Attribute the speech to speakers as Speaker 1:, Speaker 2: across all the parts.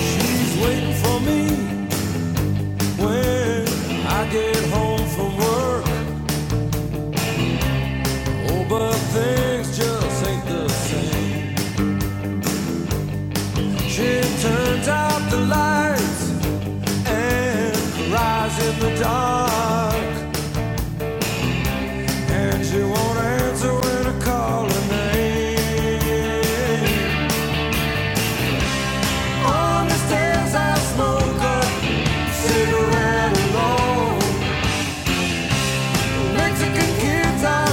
Speaker 1: She's waiting for me when I get home from work. Oh, but things just ain't the same. She turns out the lights and cries in the dark. And she won't answer when I call her name. On the stairs I smoke a cigarette alone. Mexican kids are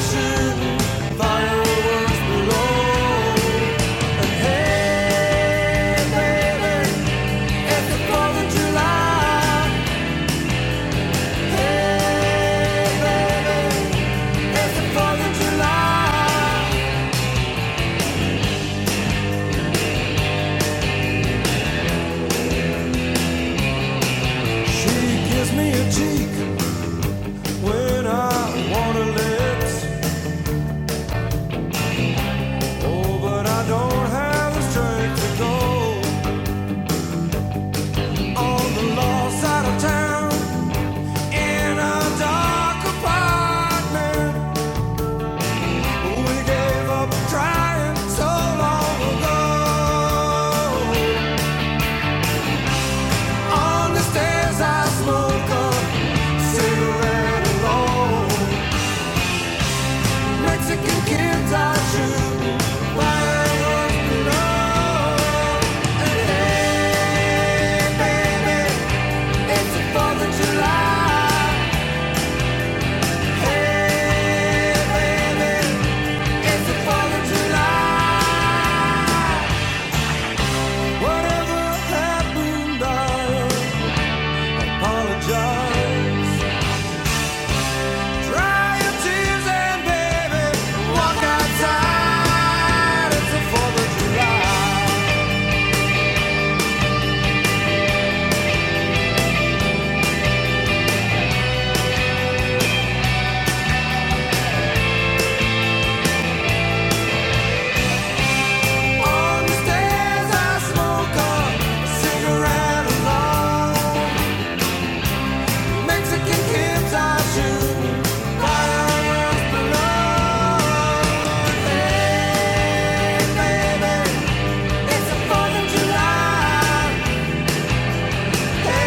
Speaker 1: fireworks below. And hey, baby, it's the 4th of July. Hey, baby, it's the 4th of July. She gives me a cheek when I want her lips. Oh, but I don't have the strength to go on the lost side of town in a dark apartment. We gave up trying so long ago. On the stairs I smoke a cigarette alone. Mexican kids I shoot while I'm below. And hey, baby, it's the 4th of July. Hey, baby, it's the 4th of July. Whatever happened, I apologize. Dry your tears and baby, walk outside. It's the 4th of July. On the stairs, I smoke a cigarette alone. Mexican kids I shoot, fireworks below. Hey, baby, it's the 4th of July. July.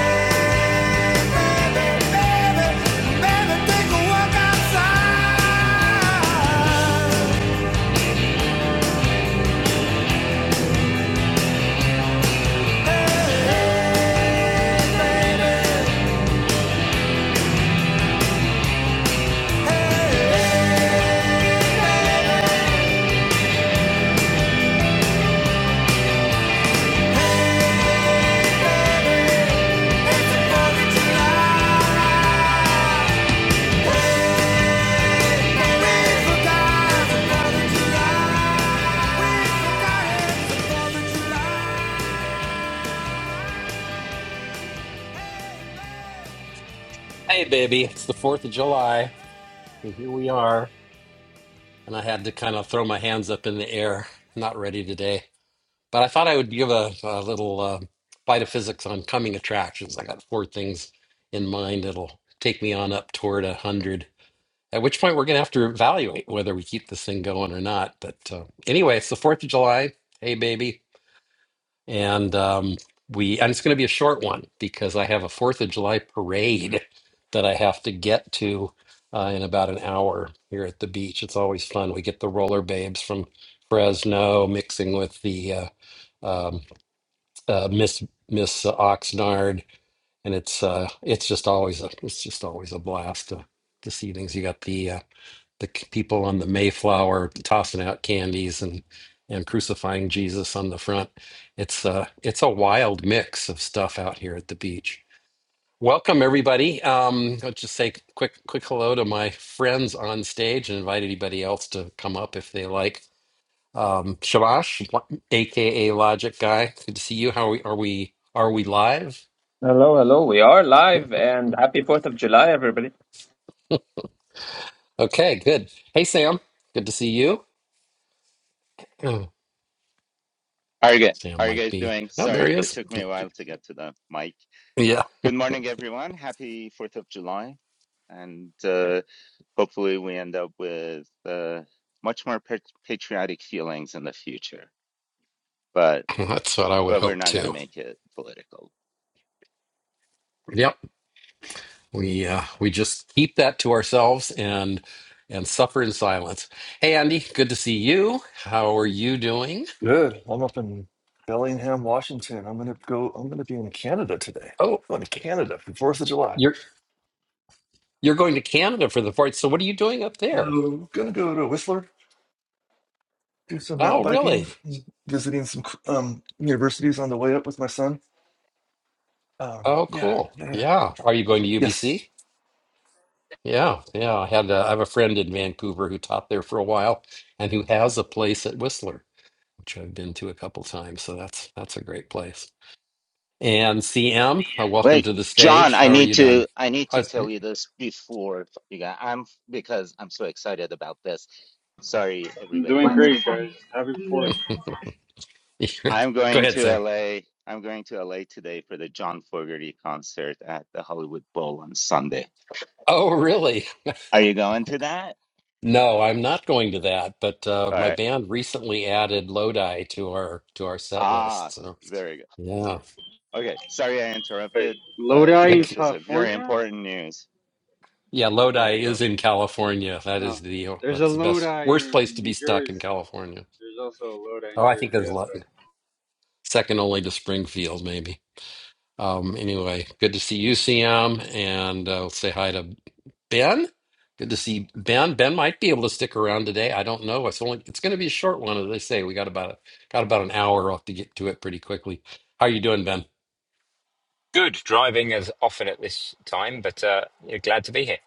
Speaker 2: Hello, hello. We are live and happy 4th of July, everybody.
Speaker 3: How are you, gu- how are you guys doing? Sorry, it took me a while to get to the mic. Good morning, everyone. Happy 4th of July. And uh, hopefully, we end up with uh, much more pat patriotic feelings in the future. But but we're not going to make it political.
Speaker 4: Good. I'm up in Bellingham, Washington. I'm gonna go. I'm gonna be in Canada today. Going to Canada for Fourth of July. I'm gonna go to Whistler, do some mountain biking, visiting some um, universities on the way up with my son. Um, yeah, yeah. yeah. Yes,
Speaker 3: Wait, John, I need to I need to tell you this before you got, I'm because I'm so excited about this. Sorry,
Speaker 5: I'm
Speaker 3: everybody
Speaker 5: doing
Speaker 3: else.
Speaker 5: great, guys. Happy Fourth.
Speaker 3: I'm going to L. am going to LA today for the John Fogerty concert at the Hollywood Bowl on Sunday. Are you going to that? All right. Ah, very good. Okay. Sorry I
Speaker 5: Wait,
Speaker 3: interrupted, but
Speaker 5: Lodi in
Speaker 3: this was a very
Speaker 5: California?
Speaker 3: important news.
Speaker 5: There you go. No, there's a Lodi in New Jersey. There's also a Lodi in Jersey. That's right.
Speaker 6: Good. Driving as often at this time, but uh, yeah, glad to be here.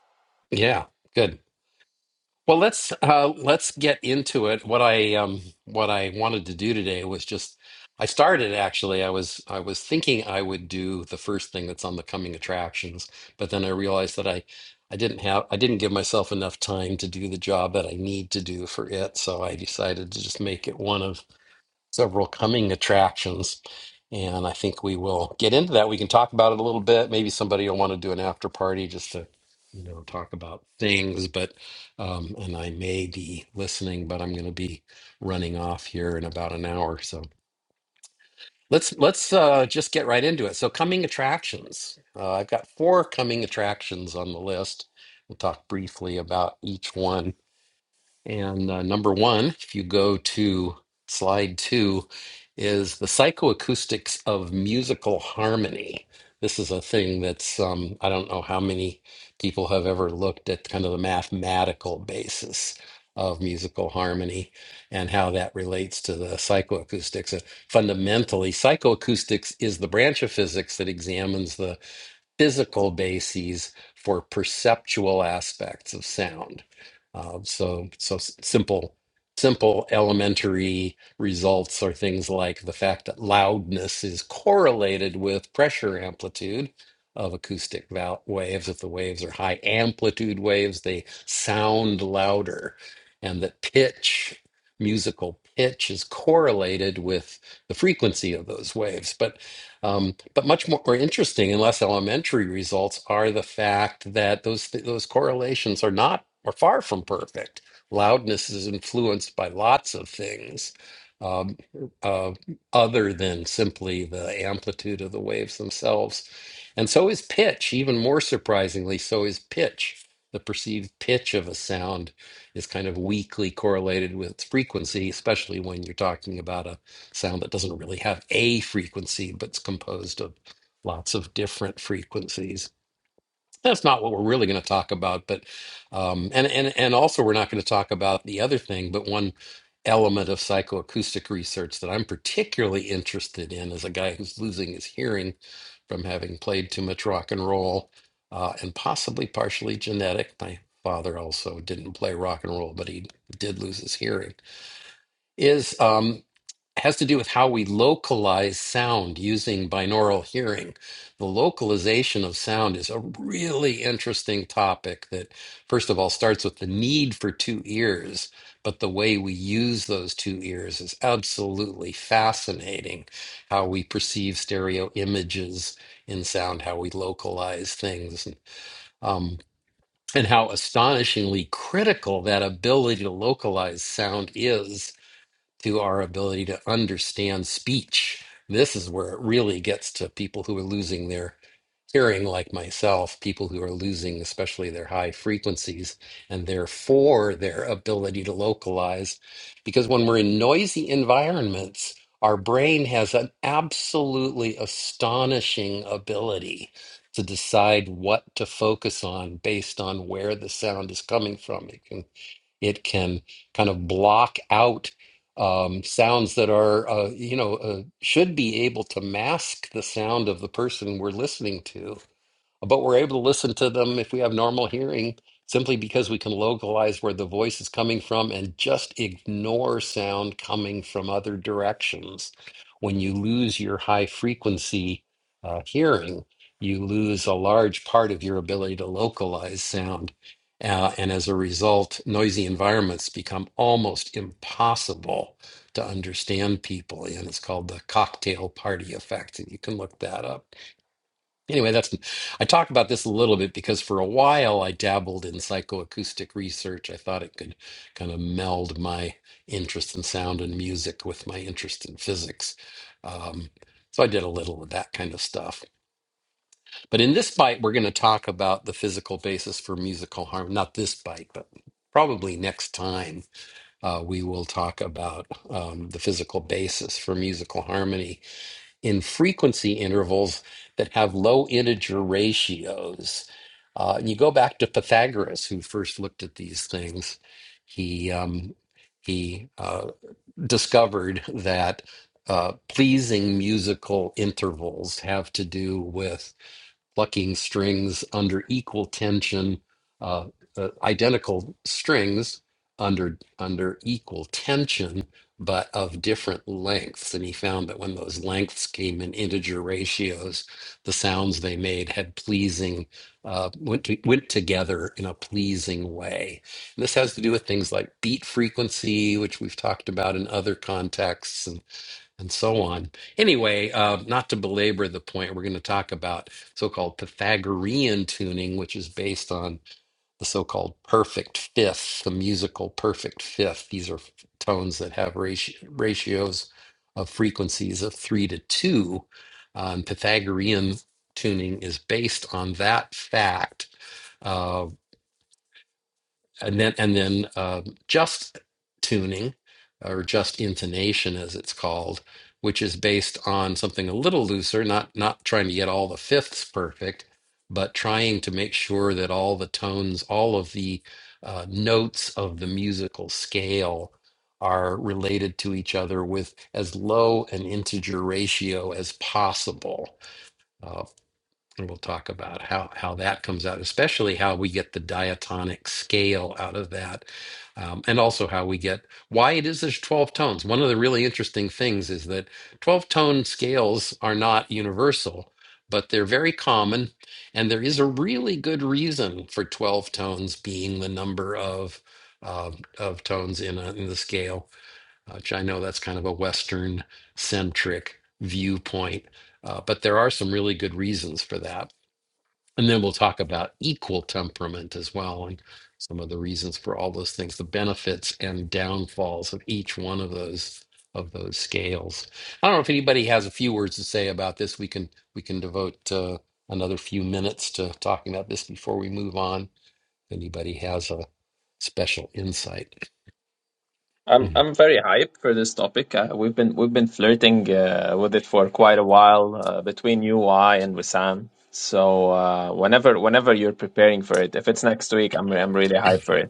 Speaker 2: I'm I'm very hyped for this topic. Uh, we've been we've been flirting uh, with it for quite a while uh, between you, I, and Wissam. So uh, whenever whenever you're preparing for it, if it's next week, I'm I'm really hyped for it.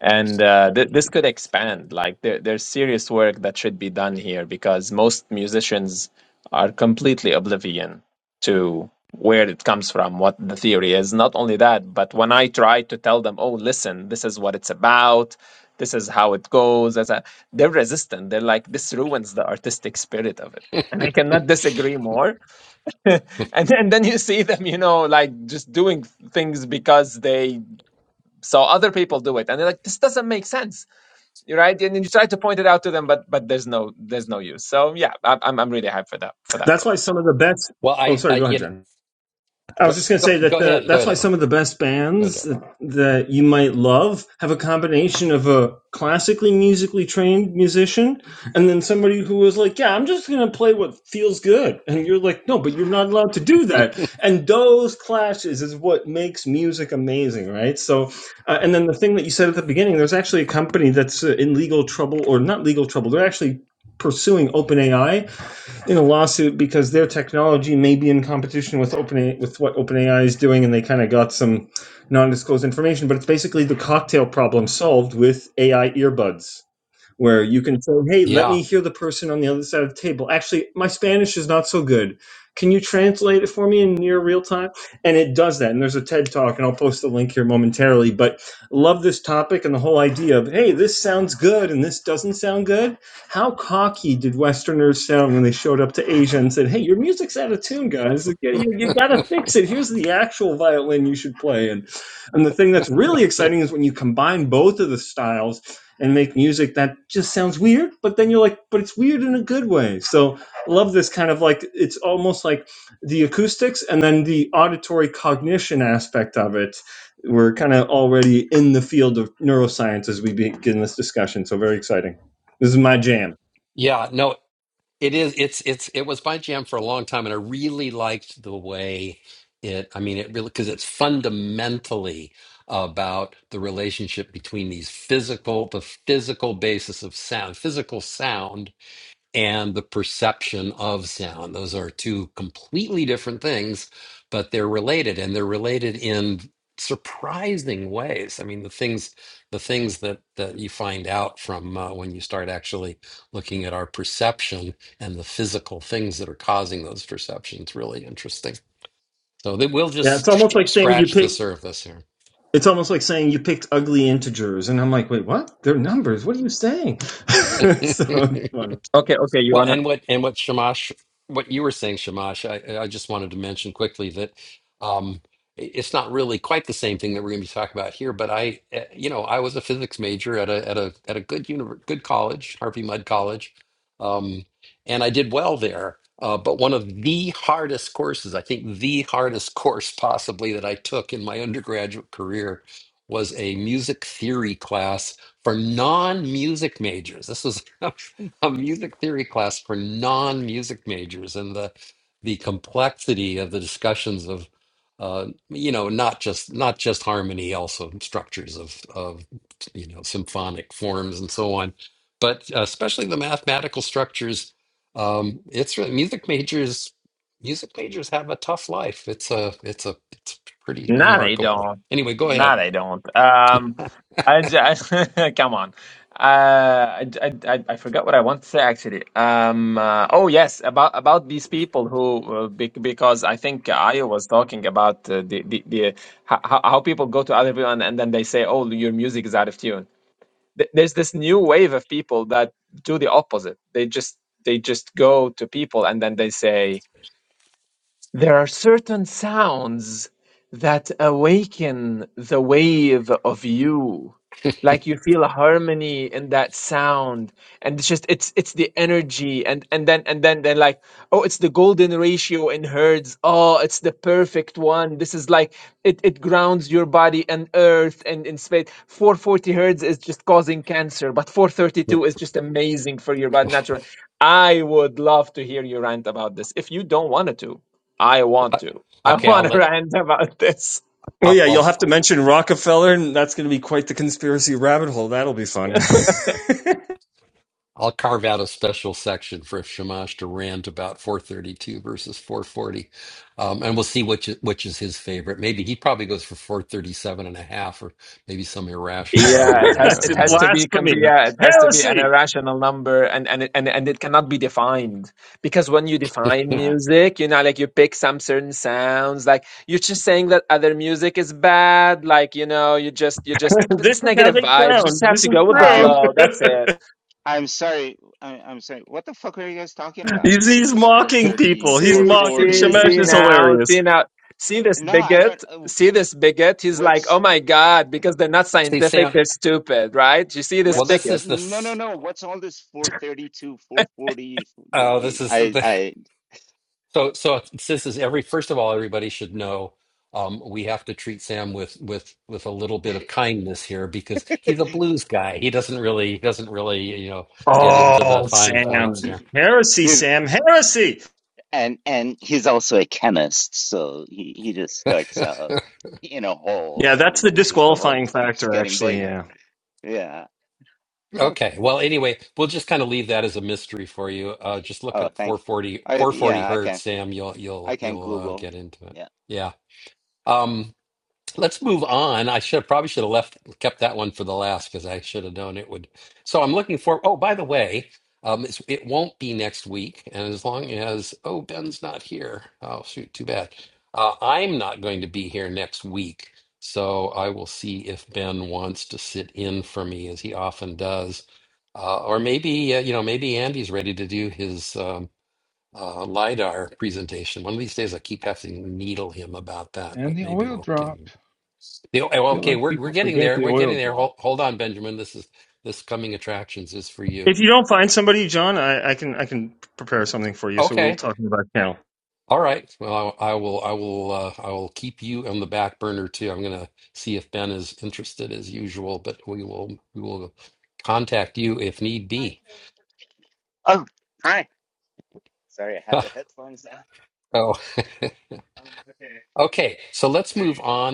Speaker 2: And uh, th- this could expand. Like there, there's serious work that should be done here because most musicians are completely oblivion to where it comes from, what the theory is. Not only that, but when I try to tell them, "Oh, listen, this is what it's about. This is how it goes," as a, they're resistant. They're like, "This ruins the artistic spirit of it." And I cannot disagree more. and then, and then you see them, you know, like just doing things because they so other people do it, and they're like, "This doesn't make sense." right, and then you try to point it out to them, but but there's no there's no use. So yeah, I- I'm I'm really hyped for that for that
Speaker 7: That's
Speaker 2: room.
Speaker 7: why some of the best. Oh, sorry. Go ahead, Jen. I was just going to say that the, that's why some of the best bands that, that you might love have a combination of a classically musically trained musician and then somebody who was like, "Yeah, I'm just going to play what feels good," and you're like, "No, but you're not allowed to do that." And those clashes is what makes music amazing, right? So, uh, and then the thing that you said at the beginning, there's actually a company that's uh, in legal trouble or not legal trouble. They're actually pursuing OpenAI in a lawsuit because their technology may be in competition with open with what OpenAI is doing, and they kind of got some non-disclosed information. But it's basically the cocktail problem solved with AI earbuds where you can say, "Hey, let me hear the person on the other side of the table." Actually, my Spanish is not so good. Can you translate it for me in near real time? And it does that. And there's a TED talk, and I'll post the link here momentarily. But love this topic and the whole idea of, "Hey, this sounds good and this doesn't sound good." How cocky did Westerners sound when they showed up to Asia and said, "Hey, your music's out of tune, guys. You, you gotta fix it. Here's the actual violin you should play." And and the thing that's really exciting is when you combine both of the styles and make music that just sounds weird, but then you're like, but it's weird in a good way. So love this kind of like it's almost like the acoustics and then the auditory cognition aspect of it. We're kind of already in the field of neuroscience as we begin this discussion. So very exciting. This is my jam. Yeah, it's almost like saying you pick. It's almost like saying you picked ugly integers, and I'm like, wait, what? They're numbers. What are you saying? so it's fun.
Speaker 2: Okay, okay, you wanna No, they don't. No, they don't. Um, I, j- I- come on. Uh, I, I, I I forgot what I want to say actually. Um, uh, oh yes, about about these people who uh, be, because I think Ayo was talking about uh, the the, the how, how how people go to other people and, and then they say, "Oh, your music is out of tune." Th- There's this new wave of people that do the opposite. They just they just go to people and then they say, there are certain sounds that awaken the wave of you. Like you feel a harmony in that sound, and it's just it's it's the energy, and and then and then then like oh, it's the golden ratio in herds. Oh, it's the perfect one. This is like it it grounds your body and earth and in space. Four forty hertz is just causing cancer, but four thirty two is just amazing for your body. Natural. I would love to hear you rant about this if you don't want to. I want to. I want to rant about this.
Speaker 7: Well, yeah, you'll have to mention Rockefeller, and that's going to be quite the conspiracy rabbit hole. That'll be fun.
Speaker 2: Yeah, it has
Speaker 7: That's
Speaker 2: it
Speaker 7: a
Speaker 2: has to be can be
Speaker 7: blasphemy.
Speaker 2: yeah, it has to be an
Speaker 7: Heresy.
Speaker 2: irrational number and and it- and and it cannot be defined because when you define
Speaker 3: Uh,
Speaker 2: music, you know, like you pick some certain sounds, like you're just saying that other music is bad, like you know, you just you just
Speaker 7: This
Speaker 2: it's
Speaker 7: is how
Speaker 2: negative
Speaker 7: they
Speaker 2: vibes. You
Speaker 7: sound.
Speaker 2: just have
Speaker 7: This
Speaker 2: to
Speaker 7: is
Speaker 2: go with the
Speaker 7: true.
Speaker 3: I'm
Speaker 2: flow. That's it.
Speaker 3: I'm sorry. I, I'm sorry. What the fuck are you guys talking about?
Speaker 7: he's,
Speaker 3: What is
Speaker 7: he's
Speaker 3: this
Speaker 7: mocking
Speaker 3: 430,
Speaker 7: people. He's
Speaker 2: see,
Speaker 7: mocking.
Speaker 2: see,
Speaker 3: 440,
Speaker 7: Shemesh
Speaker 2: see
Speaker 7: is
Speaker 3: 4?
Speaker 2: now,
Speaker 7: hilarious.
Speaker 2: see now, see this
Speaker 3: No, I don't.
Speaker 2: bigot,
Speaker 3: Uh,
Speaker 2: see this bigot. He's like, oh
Speaker 3: what's
Speaker 2: my God, because they're not scientific, they're stupid, right? You see this
Speaker 3: What's
Speaker 2: bigot.
Speaker 3: no no no? What's all this 432, 440? I I
Speaker 7: Oh, Sam. Heresy,
Speaker 3: He-
Speaker 7: Sam. Heresy.
Speaker 3: and and he's also a chemist, so he he just starts out in a hole,
Speaker 7: Yeah, that's
Speaker 3: and
Speaker 7: the
Speaker 3: and just the hole
Speaker 7: disqualifying
Speaker 3: keeps
Speaker 7: factor,
Speaker 3: getting
Speaker 7: actually.
Speaker 3: bigger.
Speaker 7: Yeah.
Speaker 3: Yeah. Oh, thank you. I, yeah, I can I can Google. Yeah.
Speaker 8: and the oil drop. I feel like people forget the oil drop.
Speaker 7: If you don't find somebody, John, I, I can I can prepare something for you. So we'll talk about now.
Speaker 3: Oh, hi. Sorry, I had the headphones on. Um, okay. How are you guys doing?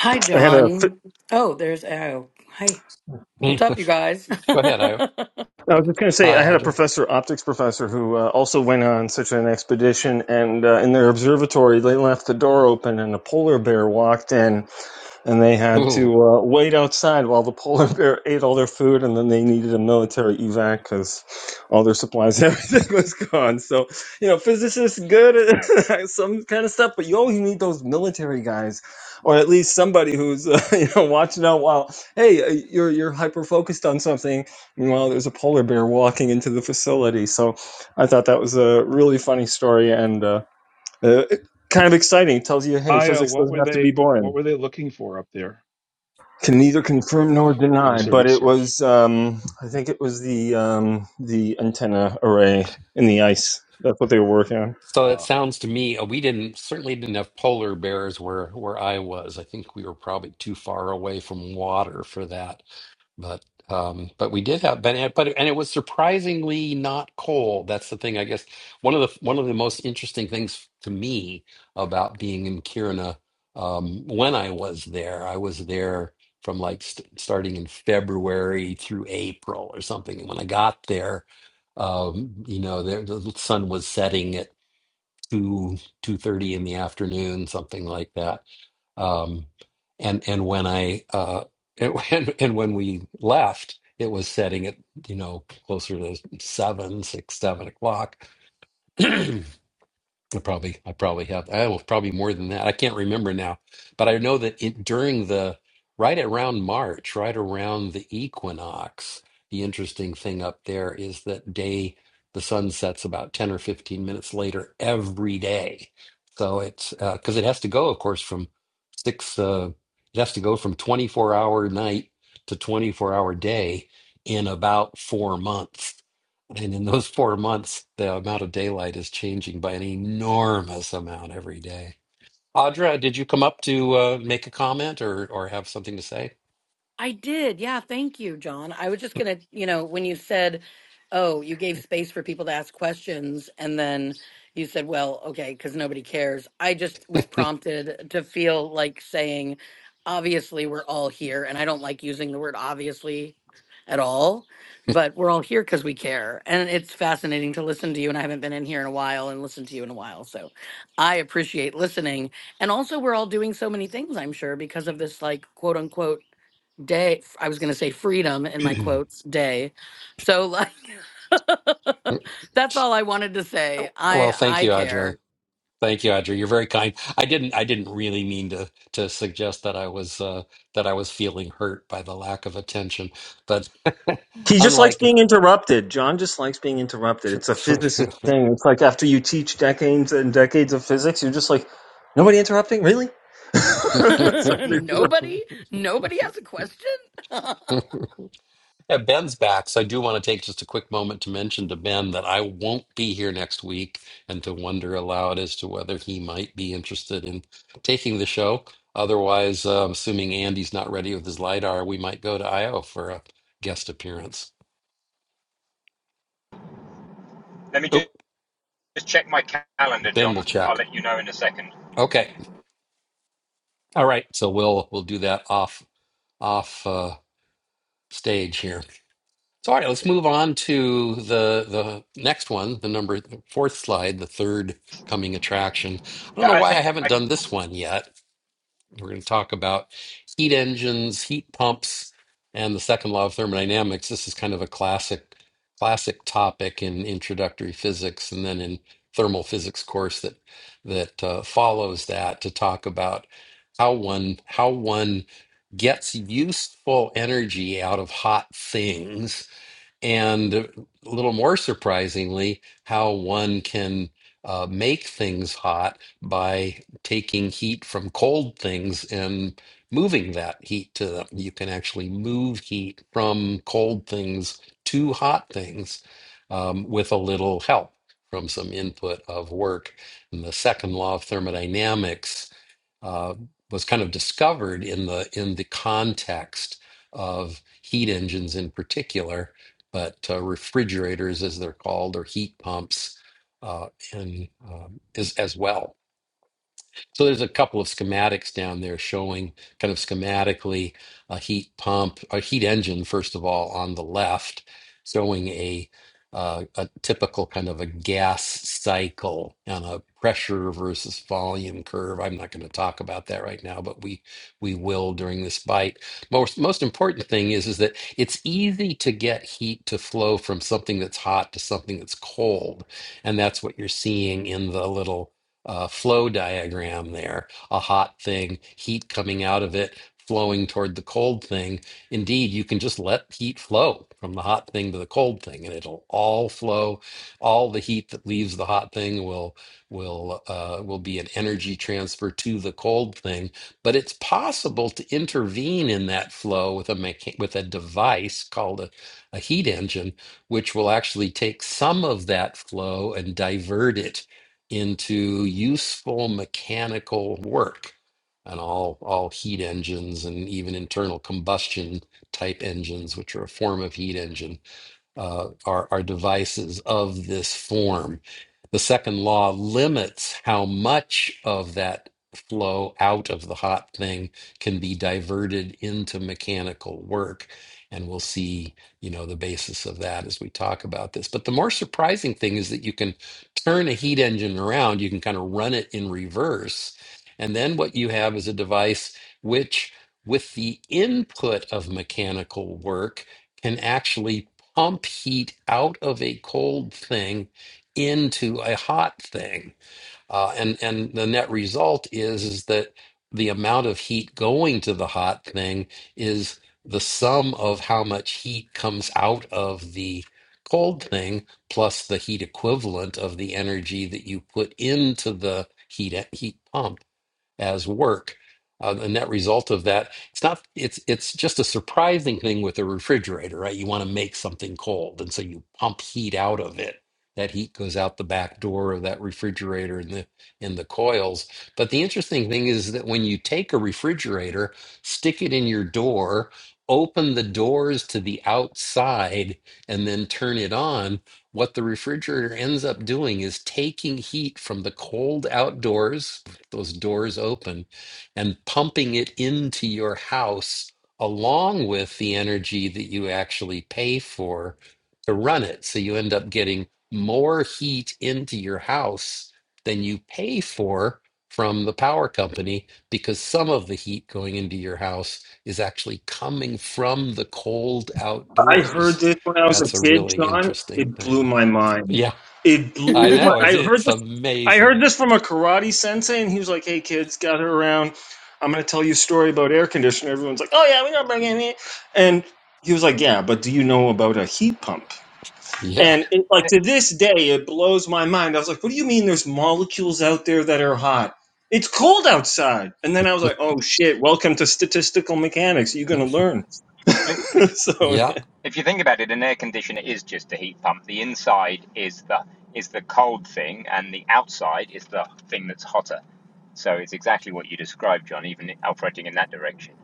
Speaker 9: Hi,
Speaker 7: I had a.
Speaker 9: John. Oh, there's Oh. Hi. What's up, you guys?
Speaker 7: I was just going to say, I had a professor, optics professor, who uh, also went on such an expedition, and uh, in their observatory, they left the door open, and a polar bear walked in, and they had to uh, wait outside while the polar bear ate all their food, and then they needed a military evac because all their supplies, everything was gone. So, you know, physicists good at some kind of stuff, but you always need those military guys, or at least somebody who's uh, you know watching out while hey, uh, you're you're hyper focused on something, meanwhile there's a polar bear walking into the facility. So, I thought that was a really funny story and. Uh, uh, Kind of exciting. It tells you, hey,
Speaker 8: Io,
Speaker 7: physics
Speaker 8: what
Speaker 7: doesn't
Speaker 8: were
Speaker 7: have to be
Speaker 8: they?
Speaker 7: boring
Speaker 8: What were they looking for up there?
Speaker 7: can neither confirm nor
Speaker 8: What was
Speaker 7: deny,
Speaker 8: their
Speaker 7: but it
Speaker 8: research?
Speaker 7: was um, I think it was the um, the antenna array in the ice. That's what they were working on.
Speaker 8: Uh,
Speaker 9: I did. Yeah. Thank you, John. I was just going to, you know, when you said, oh, you gave space for people to ask questions, and then you said, well, okay, because nobody cares. I just was prompted to feel like saying, obviously, we're all here. And I don't like using the word obviously at all, but we're all here because we care. And it's fascinating to listen to you. And I haven't been in here in a while and listened to you in a while. So I appreciate listening. And also, we're all doing so many things, I'm sure, because of this, like, quote unquote, day i was going to say freedom in my quotes day so like that's all i wanted to say i i care
Speaker 7: He just likes being interrupted. John just likes being interrupted. It's a physicist thing. It's like after you teach decades and decades of physics, you're just like, nobody interrupting, really? So
Speaker 9: nobody nobody has a question
Speaker 6: Let me just, check my calendar, John. I'll let you know in a second. Yeah, I think I,
Speaker 7: I heard this when I was a kid, John. It blew my mind. It blew
Speaker 9: i
Speaker 7: my. I heard this. I heard this from a karate sensei, and he was like, "Hey, kids, gather around. I'm going to tell you a story about air conditioner." Everyone's like, "Oh yeah, we gotta bring in here." And he was like, "Yeah, but do you know about a heat pump?" And it, like to this day, it blows my mind. I was like, "What do you mean? There's molecules out there that are hot." It's cold outside. And then I was like, oh shit, welcome to statistical mechanics. You're going to learn.
Speaker 6: well, if
Speaker 7: so, yeah.
Speaker 6: if you think about it, an air conditioner is just a heat pump. The inside is the is the cold thing, and the outside is the thing that's hotter. So it's exactly what you described, John. Even operating in that direction.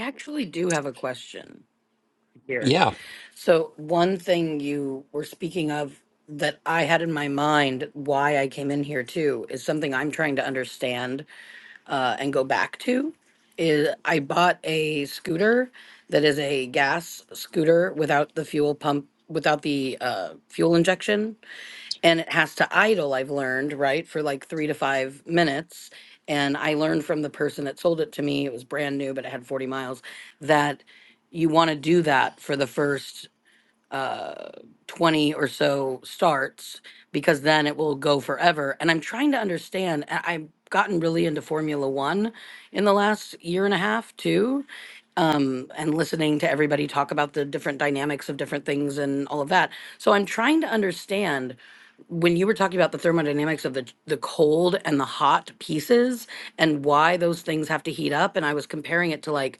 Speaker 9: actually do have a question here so one thing you were speaking of that i had in my mind why i came in here too is something i'm trying to understand uh, and go back to is I bought a scooter that is a gas scooter without the fuel pump, without the uh, fuel injection, and it has to idle, I've learned, right, for like three to five minutes. And I learned from the person that sold it to me, it was brand new, but it had 40 miles, that you want to do that for the first uh, 20 or so starts because then it will go forever. And I'm trying to understand, I- I've gotten really into Formula One in the last year and a half, too. Um, and listening to everybody talk about the different dynamics of different things and all of that. So I'm trying to understand when you were talking about the thermodynamics of the the cold and the hot pieces and why those things have to heat up and I was comparing it to like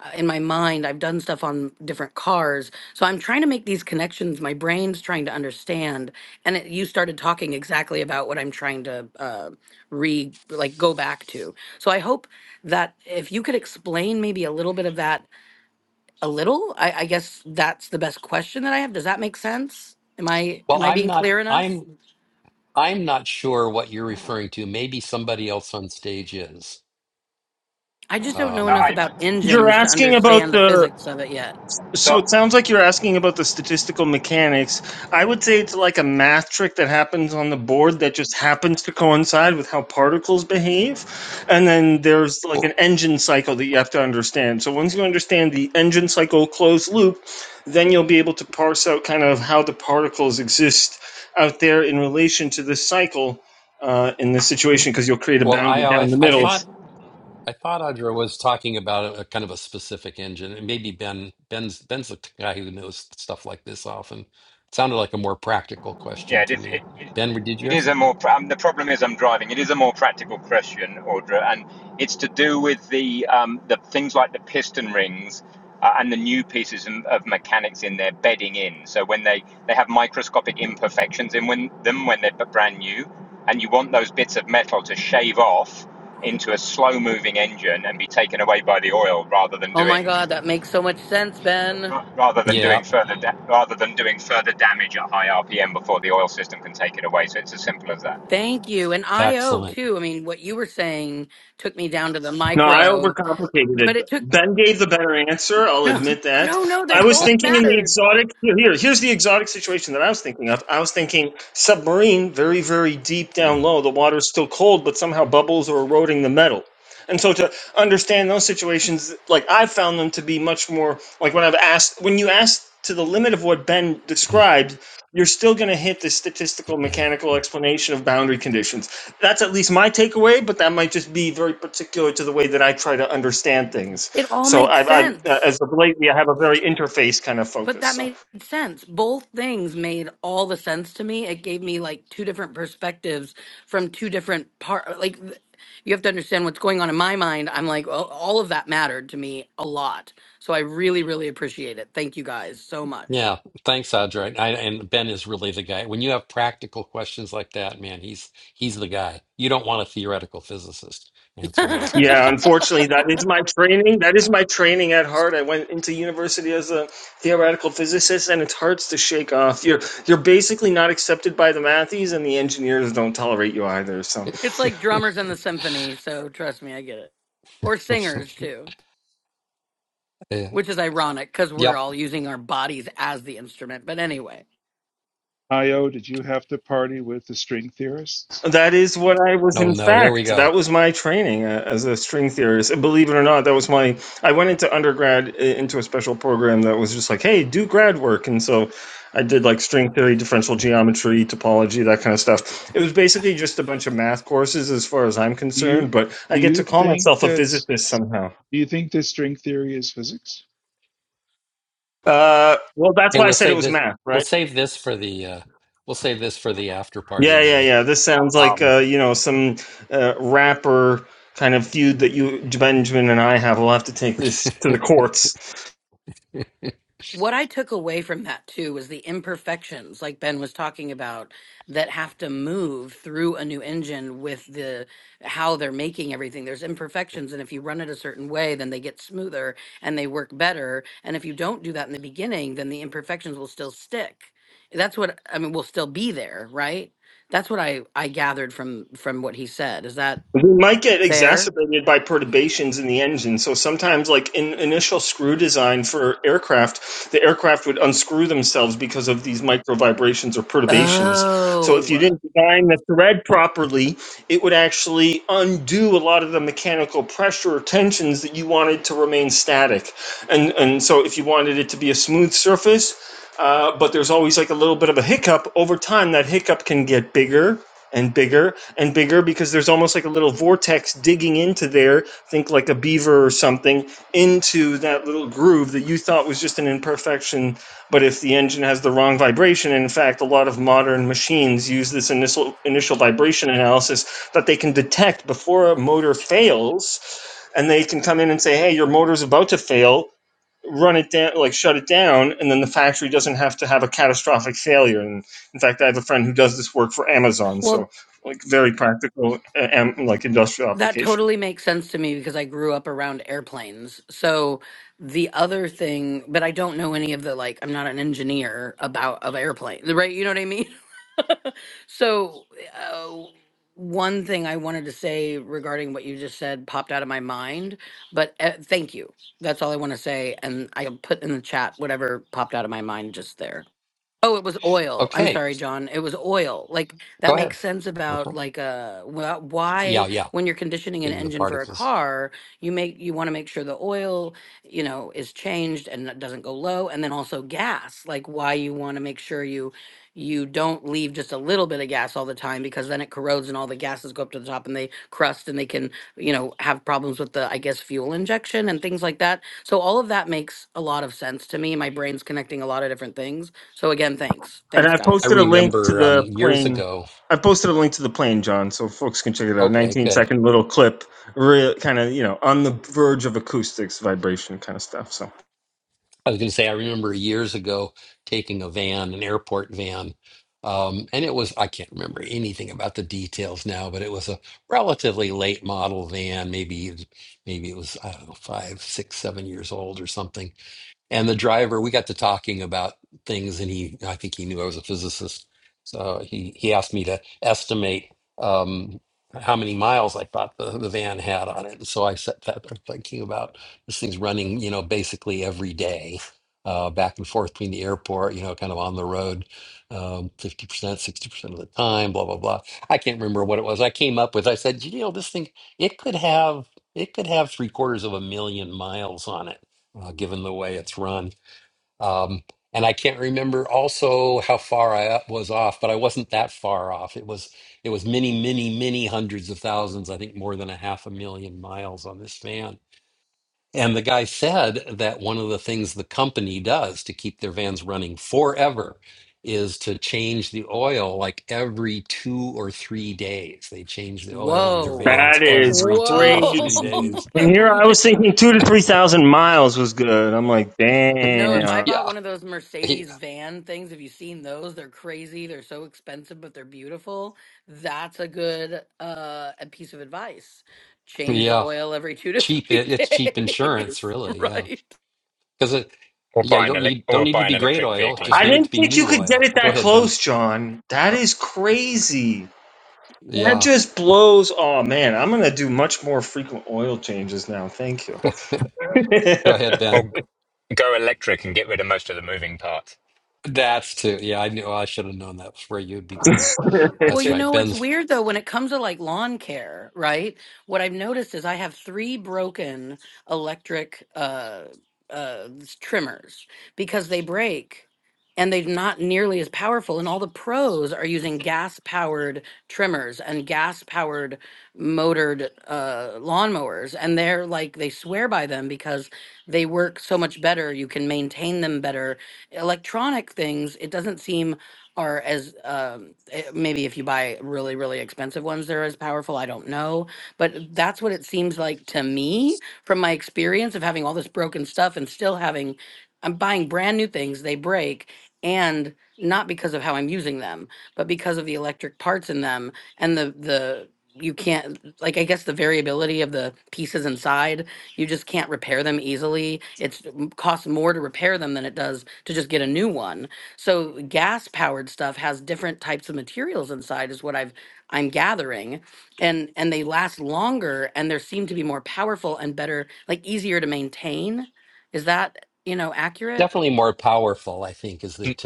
Speaker 9: uh, in my mind i've done stuff on different cars so i'm trying to make these connections my brain's trying to understand and it, you started talking exactly about what i'm trying to uh, re like go back to so i hope that if you could explain maybe a little bit of that a little i, I guess that's the best question that i have does that make sense am i am i being clear enough i just don't know enough about
Speaker 6: I-
Speaker 7: You're
Speaker 9: engines to
Speaker 7: asking about
Speaker 9: understand the
Speaker 7: the
Speaker 9: physics of it yet
Speaker 7: so
Speaker 6: so.
Speaker 7: it sounds like you're asking about the statistical mechanics. I would say it's like a math trick that happens on the board that just happens to coincide with how particles behave. And then there's like an engine cycle that you have to understand. So once you understand the engine cycle closed loop, then you'll be able to parse out kind of how the particles exist out there in relation to this cycle uh, in this situation because you'll create a boundary down the middle
Speaker 6: It's Yeah, it, is- it, it it is a more. pra- Um, the problem is, I'm driving. It is a more practical question, Audra, and it's to do with the um, the things like the piston rings uh, and the new pieces of, of mechanics in there bedding in. So when they they have microscopic imperfections in when, them when they're b- brand new, and you want those bits of metal to shave off into a slow moving engine and be taken away by the oil rather than
Speaker 9: oh my
Speaker 6: doing
Speaker 9: god that makes so much sense ben
Speaker 6: rather than doing further da- rather than doing further damage at high RPM before the oil system can take it away. So it's as simple as that.
Speaker 9: Thank you. And IO too. I mean, what you were saying took me down to the
Speaker 7: No, I
Speaker 9: micro,
Speaker 7: overcomplicated it.
Speaker 9: but it took
Speaker 7: Ben gave the better answer. I'll
Speaker 9: no,
Speaker 7: admit that.
Speaker 9: no, no, they
Speaker 7: I was
Speaker 9: both
Speaker 7: thinking in the
Speaker 9: mattered.
Speaker 7: exotic. Here, here- here's the exotic situation that I was thinking of. I was thinking submarine, very, very deep down low. The water's still cold, but somehow bubbles are eroding the metal. And so to understand those situations, like I found them to be much more like when I've asked, when you asked to the limit of what Ben described, you're still going to hit the statistical mechanical explanation of boundary conditions. That's at least my takeaway, but that might just be very particular to the way that I try to understand things.
Speaker 9: It all
Speaker 7: So
Speaker 9: makes
Speaker 7: I've, i
Speaker 9: sense.
Speaker 7: as of lately, I have a very interface kind of
Speaker 9: But
Speaker 7: focus.
Speaker 9: that
Speaker 7: So
Speaker 9: made sense. Both things made all the sense to me. It gave me like two different perspectives from two different part like th- you have to understand what's going on in my mind. I'm like, well, all of that mattered to me a lot. So I really, really appreciate it. Thank you guys so much.
Speaker 7: yeah, unfortunately, that is my training. That is my training at heart. I went into university as a theoretical physicist, and it's hard to shake off. You're you're basically not accepted by the mathies, and the engineers don't tolerate you either. So.
Speaker 9: It's like drummers in the symphony, so trust me, I get it. Or singers too, which is ironic because we're all using our bodies as the instrument. But anyway.
Speaker 8: Io, did you have to party with the string theorists?
Speaker 7: That is what I was, in fact. That was my training uh, as a string theorist. And Believe it or not, that was my. I went into undergrad i- into a special program that was just like, hey, do grad work. And so I did like string theory, differential geometry, topology, that kind of stuff. It was basically just a bunch of math courses as far as I'm
Speaker 8: Do
Speaker 7: concerned,
Speaker 8: you
Speaker 7: but I
Speaker 8: do
Speaker 7: get to
Speaker 8: you
Speaker 7: call
Speaker 8: think
Speaker 7: myself a
Speaker 8: that's
Speaker 7: physicist somehow.
Speaker 8: do you think that string theory is physics?
Speaker 7: Uh, well, that's why I said it was math, right? Yeah, yeah, yeah. This sounds like uh, you know some uh, rapper kind of feud that you Benjamin and I have. We'll have to take this to the courts.
Speaker 9: What I took away from that too was the imperfections, like Ben was talking about, that have to move through a new engine with the how they're making everything. There's imperfections, and if you run it a certain way, then they get smoother and they work better. And if you don't do that in the beginning, then the imperfections will still stick. That's what I mean. Will still be there, right? That's what I I gathered from from what he said. Is that
Speaker 7: They might get
Speaker 9: fair?
Speaker 7: exacerbated by perturbations in the engine. So sometimes, like in initial screw design for aircraft, the aircraft would unscrew themselves because of these micro vibrations or perturbations. So if you
Speaker 9: Oh,
Speaker 7: didn't design the thread properly, it would actually undo a lot of the mechanical pressure or tensions that you wanted to remain static. And and so if you wanted it to be a smooth surface, uh, but there's always like a little bit of a hiccup over time. That hiccup can get bigger and bigger and bigger because there's almost like a little vortex digging into there. Think like a beaver or something into that little groove that you thought was just an imperfection. But if the engine has the wrong vibration, and in fact, a lot of modern machines use this initial initial vibration analysis that they can detect before a motor fails. And they can come in and say, "Hey, your motor's about to fail run it down, like shut it down, and then the factory doesn't have to have a catastrophic failure. And in fact, I have a friend who does this work for Amazon,
Speaker 9: well,
Speaker 7: so like very practical, uh, like industrial
Speaker 9: That
Speaker 7: application.
Speaker 9: totally makes sense to me because I grew up around airplanes. So the other thing, but I don't know any of the like. I'm not an engineer about of airplanes, right? You know what I mean. So uh, one thing I wanted to say regarding what you just said popped out of my mind, but uh, thank you. That's all I want to say, and I'll put in the chat whatever popped out of my mind just there. Oh, it was oil. I'm sorry, John. It was oil. Like that makes sense about like uh wh- why when you're conditioning an engine for a car, you make you want to make sure the oil, you know, is changed and that doesn't go low and then also gas. Like why you want to make sure you you don't leave just a little bit of gas all the time because then it corrodes and all the gases go up to the top and they crust and they can, you know, have problems with the I guess fuel injection and things like that. So all of that makes a lot of sense to me. My brain's connecting a lot of different things so again, thanks.
Speaker 7: And
Speaker 9: Thanks,
Speaker 7: I've
Speaker 9: guys.
Speaker 7: posted a link to the plane. I've posted a link to the plane, John, so folks can check it out. 19 second little clip, real kind of you know on the verge of acoustics, vibration kind of stuff. So
Speaker 9: Whoa.
Speaker 7: that is crazy.
Speaker 9: Whoa.
Speaker 7: And
Speaker 9: that
Speaker 7: here
Speaker 9: blew
Speaker 7: I
Speaker 9: my
Speaker 7: was thinking two to three thousand miles was good. I'm like,
Speaker 9: No, if
Speaker 7: damn.
Speaker 9: I bought one of those Mercedes van things, have you seen those? They're crazy. They're so expensive, but they're beautiful. That's a good uh a piece of advice. Change the oil every two to three days. right.
Speaker 6: Or buy an elec- or buy an electric vehicle and
Speaker 7: I
Speaker 6: do
Speaker 7: didn't think you could get it that close, John. That is crazy. That just blows. Oh man, I'm gonna do much more frequent oil changes now. Thank you.
Speaker 6: or,
Speaker 7: he
Speaker 6: or g- go electric and get rid of most of the moving parts.
Speaker 9: Well, you know, it's weird though when it comes to like lawn care, right? What I've noticed is I have three broken electric uh uh s- trimmers because they break and they're not nearly as powerful and all the pros are using gas powered trimmers and gas powered motored uh lawnmowers and they're like they swear by them because they work so much better you can maintain them better electronic things it doesn't seem are as um eh, maybe if you buy really really expensive ones they're as powerful i don't know but that's what it seems like to me from my experience of having all this broken stuff and still having i'm buying brand new things they break and not because of how i'm using them but because of the electric parts in them and the the you can't like i guess the variability of the pieces inside you just can't repair them easily it's it costs more to repair them than it does to just get a new one so gas powered stuff has different types of materials inside is what I've I'm gathering and and they last longer and they seem to be more powerful and better like easier to maintain. Is that, you know, accurate?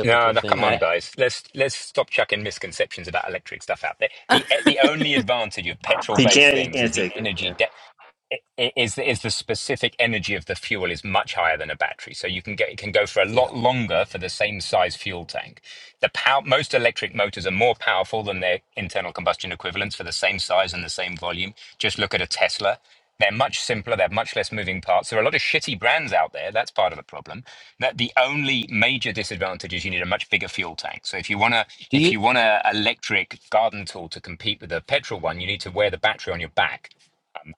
Speaker 6: No, no, come on, guys. Let's let's stop chucking misconceptions about electric stuff out there.
Speaker 9: so
Speaker 6: The the only advantage of petrol-based
Speaker 7: can't. He
Speaker 6: things is
Speaker 7: can't
Speaker 6: the
Speaker 7: take it. Yeah,
Speaker 6: energy i- is the- is the specific energy of the fuel is much higher than a battery, so you can get it can go for a lot longer for the same size fuel tank. The power most electric motors are more powerful than their internal combustion equivalents for the same size and the same volume. Just look at a Tesla. They're much simpler. They have much less moving parts. There are a lot of shitty brands out there. That's part of the problem. That the only major disadvantage is you need a much bigger fuel tank. So if you want to, if you want a electric garden tool to compete with a petrol one, you need to wear the battery on your back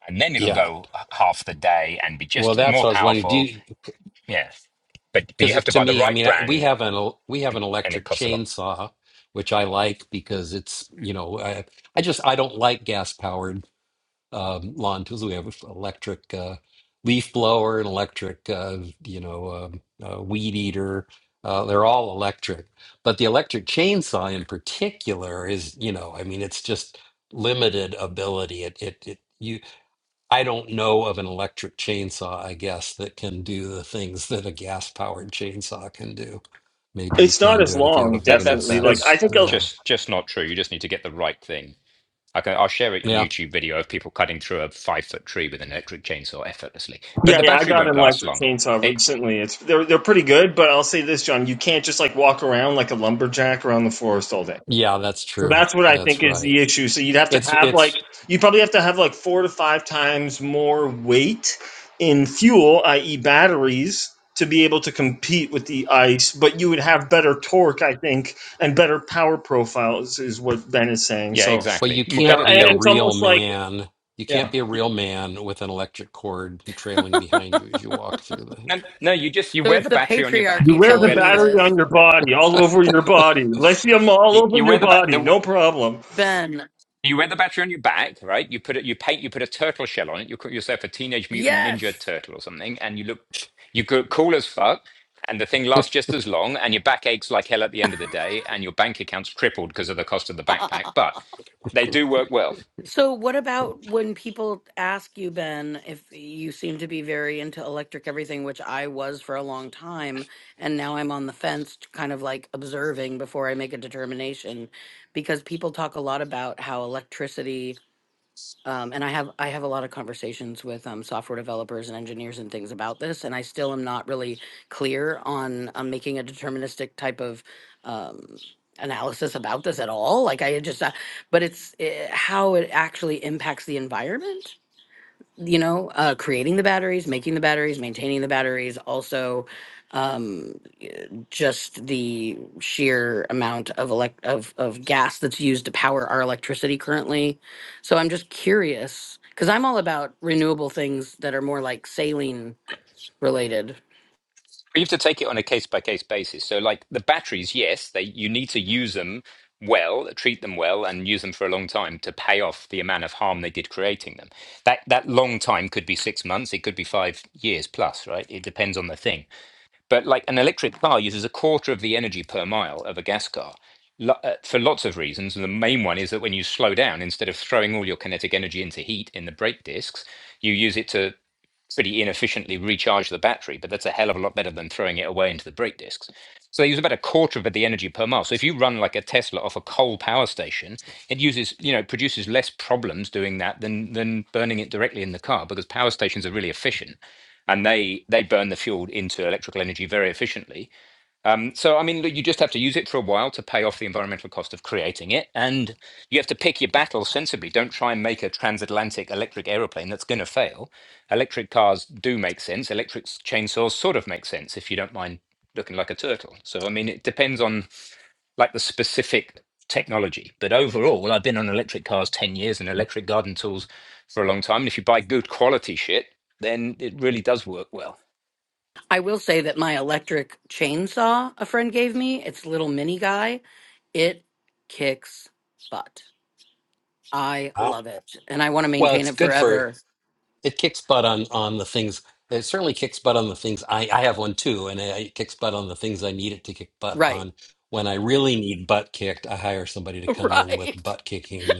Speaker 6: and then it'll go h- half the day and be just more powerful. Yeah, but but you have to buy the right brand, and it costs a lot.
Speaker 7: it's not as long.
Speaker 6: That that's
Speaker 7: Definitely. Like I
Speaker 6: that's
Speaker 7: think. i
Speaker 6: just just not true. You just need to get the right thing. I can, I'll share a YouTube video of people cutting through a five foot tree with an electric chainsaw effortlessly, but
Speaker 7: yeah,
Speaker 6: the
Speaker 7: yeah. I
Speaker 6: battery
Speaker 7: got
Speaker 6: won't
Speaker 7: an
Speaker 6: last
Speaker 7: electric
Speaker 6: long.
Speaker 7: chainsaw
Speaker 6: It,
Speaker 7: recently. It's they're they're pretty good, but I'll say this, John. You can't just like walk around like a lumberjack around the forest all day. So that's what I think is the issue. So you'd have to have like you probably have to have like four to five times more weight in fuel, i.e., batteries, to be able to compete with the ice. But you would have better torque, I think, and better power profiles is what Ben is saying.
Speaker 6: yeah,
Speaker 7: So
Speaker 6: exactly. M-
Speaker 7: you know,
Speaker 6: Better
Speaker 7: and and
Speaker 6: better.
Speaker 7: it's almost like Yeah.
Speaker 6: you- No, no, you just you wear
Speaker 9: it's
Speaker 6: the
Speaker 9: the
Speaker 6: battery on your back.
Speaker 7: you
Speaker 9: patriarchy
Speaker 6: It's
Speaker 7: wear
Speaker 6: all
Speaker 7: the
Speaker 9: telling
Speaker 6: better.
Speaker 9: me
Speaker 6: It's
Speaker 7: battery on
Speaker 9: this.
Speaker 7: your body, all over your body, lithium
Speaker 6: you
Speaker 7: all over
Speaker 6: you wear
Speaker 7: your
Speaker 6: the
Speaker 7: body,
Speaker 6: back.
Speaker 7: no problem.
Speaker 9: Ben.
Speaker 6: You wear the battery on your back, right? You put it, you paint, you put a turtle shell on it. You call yourself a teenage mutant ninja
Speaker 9: Yes.
Speaker 6: turtle or something, and you look, you go cool as fuck. And the thing lasts just as long, and your back aches like hell at the end of the day, and your bank account's crippled because of the cost of the backpack. But they do work well.
Speaker 9: So, what about when people ask you, Ben, if you seem to be very into electric everything, which I was for a long time, and now I'm on the fence, t- kind of like observing before I make a determination, because people talk a lot about how electricity um, and I have I have a lot of conversations with um, software developers and engineers and things about this, and I still am not really clear on um, making a deterministic type of um, analysis about this at all. Like I just, uh, but it's uh how it actually impacts the environment you know, uh, creating the batteries, making the batteries, maintaining the batteries, also um, y- just the sheer amount of elect of of gas that's used to power our electricity currently. So I'm just curious because I'm all about renewable things that are more like saline related.
Speaker 6: But you have to take it on a case by case basis. So, like the batteries, yes, they you need to use them well, treat them well, and use them for a long time to pay off the amount of harm they did creating them. That that long time could be six months, it could be five years plus, right? It depends on the thing. But like an electric car uses a quarter of the energy per mile of a gas car. lo- uh, For lots of reasons, and the main one is that when you slow down, instead of throwing all your kinetic energy into heat in the brake discs, you use it to pretty inefficiently recharge the battery, but that's a hell of a lot better than throwing it away into the brake discs. So they use about a quarter of the energy per mile. So if you run like a Tesla off a coal power station, it uses, you know, produces less problems doing that than than burning it directly in the car because power stations are really efficient and they they burn the fuel into electrical energy very efficiently. So, I mean, look, you just have to use it for a while to pay off the environmental cost of creating it. And you have to pick your battles sensibly. Don't try and make a transatlantic electric aeroplane that's going to fail. Electric cars do make sense. Electric s- chainsaws sort of make sense if you don't mind looking like a turtle. So, I mean, it depends on like the specific technology. But overall, I've been on electric cars 10 years and electric garden tools for a long time. And if you buy good quality shit, then it really does work well.
Speaker 9: I will say that my electric chainsaw a friend gave me, it's a little mini guy, it kicks butt. I love it and I want to maintain it forever. Right. right.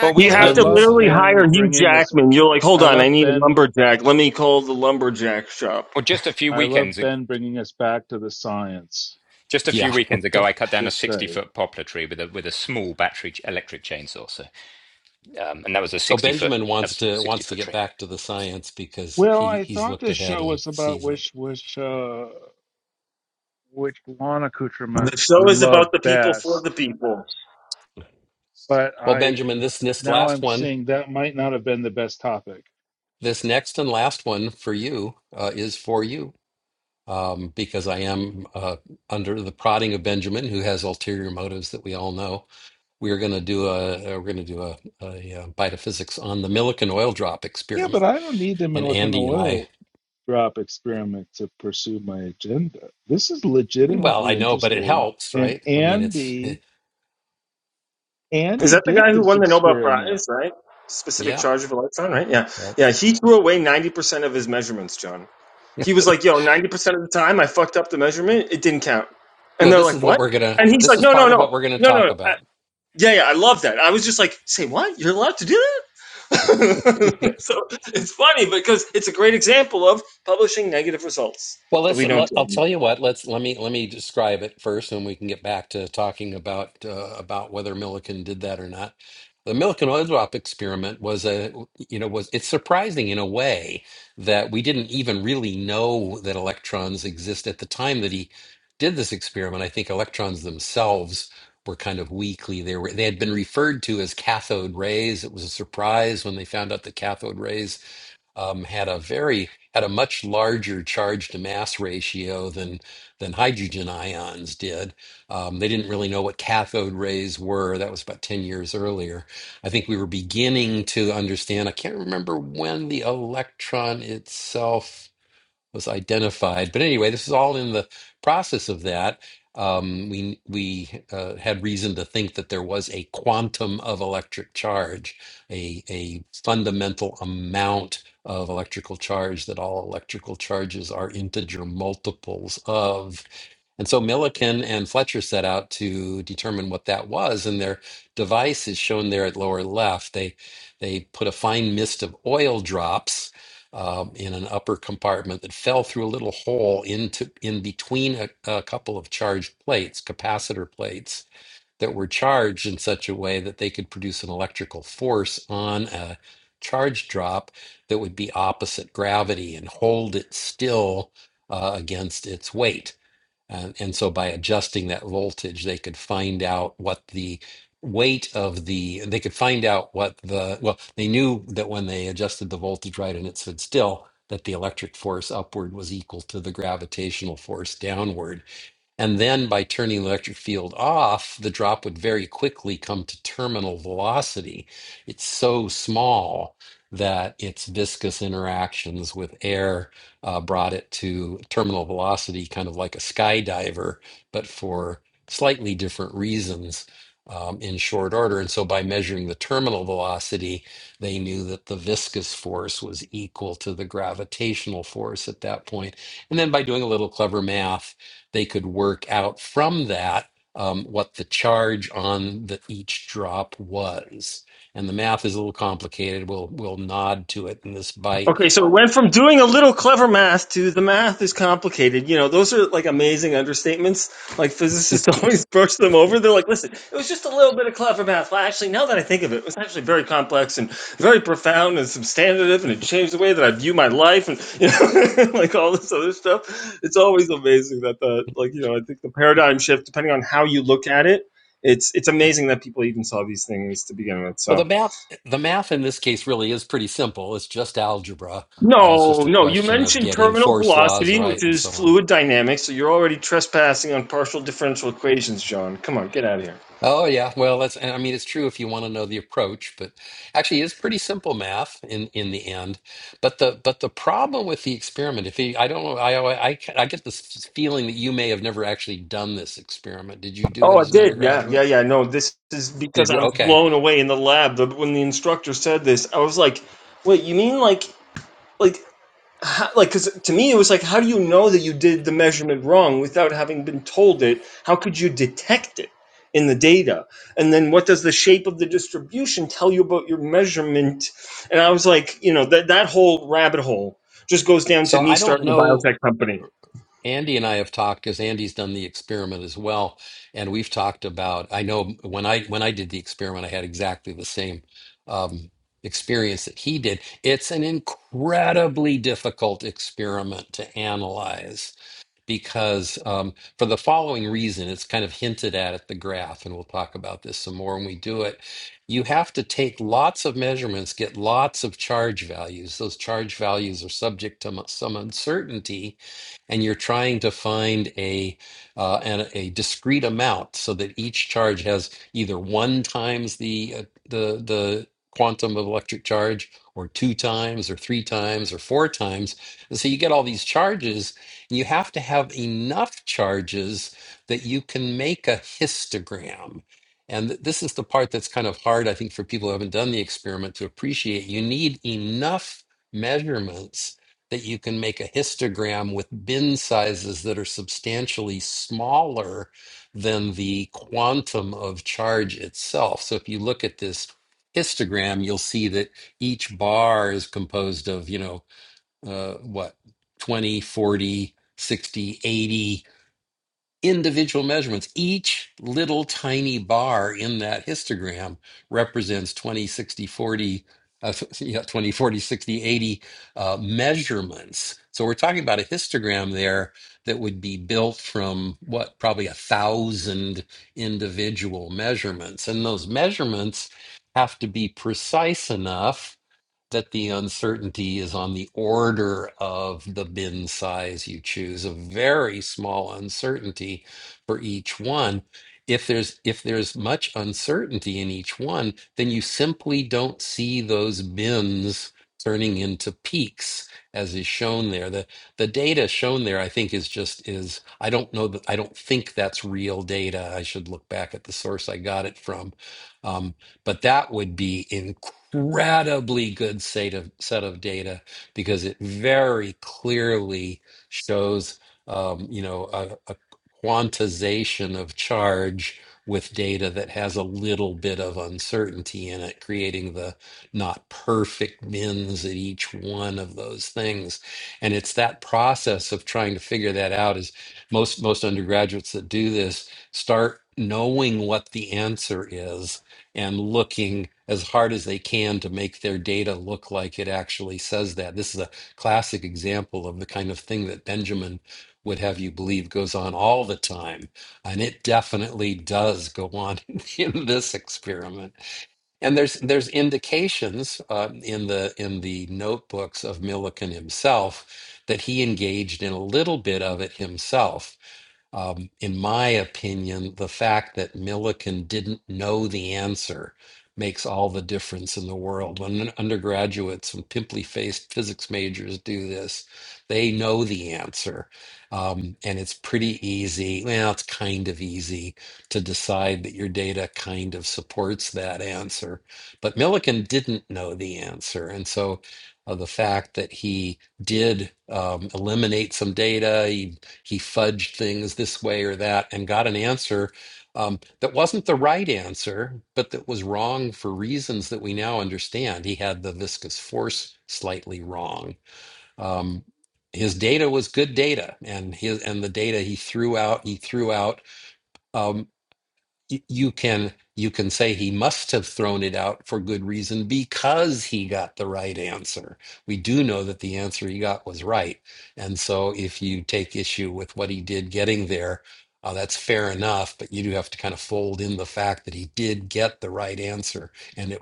Speaker 6: Well,
Speaker 7: You
Speaker 6: we
Speaker 8: I
Speaker 7: have
Speaker 6: look.
Speaker 7: to
Speaker 8: love
Speaker 7: literally hire
Speaker 8: Ben
Speaker 7: Hugh
Speaker 8: bringing us.
Speaker 7: Jackman. You're like, hold
Speaker 8: I
Speaker 7: on, I
Speaker 8: love
Speaker 7: need a
Speaker 8: Ben.
Speaker 7: lumberjack. Let me call the lumberjack shop.
Speaker 6: Well, just a few
Speaker 8: I love
Speaker 6: weekends.
Speaker 8: Ben bringing us back to the science.
Speaker 6: Just a few weekends ago, I cut down a
Speaker 8: Just
Speaker 6: 60
Speaker 8: say.
Speaker 6: foot poplar tree with a with a small battery ch- electric chainsaw. So, um, and that was a 60 foot that was a 60 foot tree.
Speaker 8: Well, I thought this show was about which which uh, which lawn accoutrement
Speaker 7: The show
Speaker 8: we
Speaker 7: is
Speaker 8: love
Speaker 7: about the people for
Speaker 8: best.
Speaker 7: the people.
Speaker 8: But I now I'm seeing that might not have been the best topic. Yeah, but I don't need them in like an oil drop experiment to pursue my agenda. This is legitimately interesting. And Andy
Speaker 7: Is
Speaker 8: Andy
Speaker 7: that the
Speaker 8: did
Speaker 7: guy who
Speaker 8: this
Speaker 7: won the Nobel
Speaker 8: experiment.
Speaker 7: Prize, right? Specific charge of electron, right? Yeah. Yeah, he threw away 90% of his measurements, John. He was like, yo, 90% of the time I fucked up the measurement, it didn't count. And they're like, what? And he's like, no, no, no. No, no. no. I, yeah, yeah, I love that. I was just like, say what? You're allowed to do that? so it's funny because it's a great example of publishing negative results that we don't do anymore. Okay, so it went from doing a little clever math to the math is complicated. You know, those are like amazing understatements. Like physicists always brush them over. They're like, listen, it was just a little bit of clever math. Well, actually, now that I think of it, it was actually very complex and very profound and substantive, and it changed the way that I view my life and, you know, like all this other stuff. It's always amazing that the, like, you know, I think the paradigm shift, depending on how you look at it, it's it's amazing that people even saw these things to begin with. So, No, no. You mentioned terminal velocity, which is fluid dynamics, so you're already trespassing on partial differential equations, John. Come on, get out of here. Oh, I did. Yeah, yeah, yeah. No, this is because I was blown away in the lab the, when the instructor said this. I was like, "Wait, you mean like like how, like because to me it was like how do you know that you did the measurement wrong without having been told it how could you detect it in the data and then what does the shape of the distribution tell you about your measurement and i was like you know that that whole rabbit hole just goes down to me starting a biotech company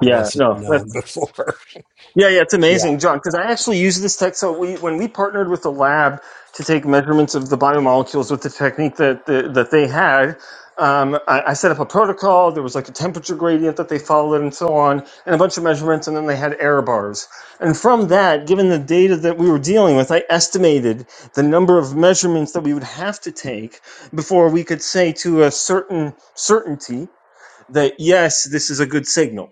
Speaker 7: yeah no that's. Yeah, yeah, it's amazing, John, because I actually use this tech. So we, when we partnered with the lab to take measurements of the biomolecules with the technique that the, that they had, um, I, I set up a protocol. There was like a temperature gradient that they followed, and so on, and a bunch of measurements, and then they had error bars. And from that, given the data that we were dealing with, I estimated the number of measurements that we would have to take before we could say to a certain certainty that yes, this is a good signal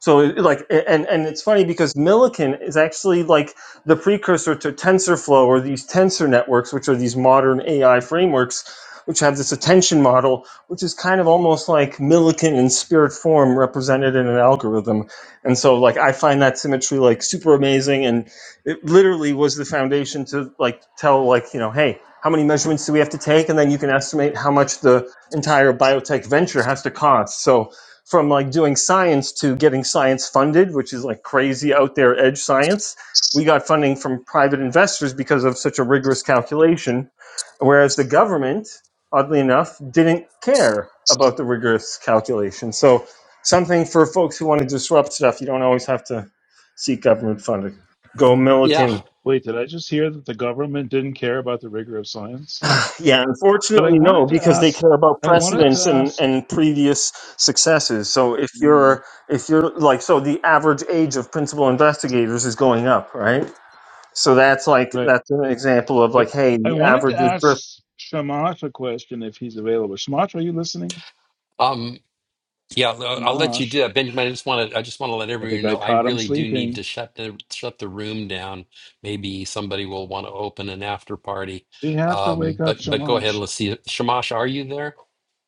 Speaker 7: so it- like and and it's funny because Millikan is actually like the precursor to TensorFlow or these tensor networks, which are these modern AI frameworks, which have this attention model, which is kind of almost like Millikan in spirit form represented in an algorithm. And so like I find that symmetry like super amazing, and it literally was the foundation to like tell like you know hey. How many measurements do we have to take, and then you can estimate how much the entire biotech venture has to cost. So, from like doing science to getting science funded, which is like crazy out there edge science. We got funding from private investors because of such a rigorous calculation, whereas the government, oddly enough, didn't care about the rigorous calculation. So, something for folks who want to disrupt stuff, you don't always have to seek government funding. Go Milliken.
Speaker 8: Wait, did I just hear that the government didn't care about the rigor of science?
Speaker 7: Yeah,
Speaker 8: But I
Speaker 7: unfortunately, no,
Speaker 8: wanted to
Speaker 7: because they
Speaker 8: ask
Speaker 7: care about
Speaker 8: I wanted to
Speaker 7: precedence and,
Speaker 8: ask
Speaker 7: and previous successes. So if
Speaker 8: mm,
Speaker 7: you're if you're like so the average age of principal investigators is going up, right? So that's like
Speaker 8: right.
Speaker 7: that's an example of
Speaker 8: I
Speaker 7: like, hey,
Speaker 8: I
Speaker 7: the
Speaker 8: wanted
Speaker 7: average
Speaker 8: to
Speaker 7: is drifting.
Speaker 8: ask Shamash a question if he's available. Shamash, are you listening? Shamash, I think I caught him sleeping. We have to wake up Shamash.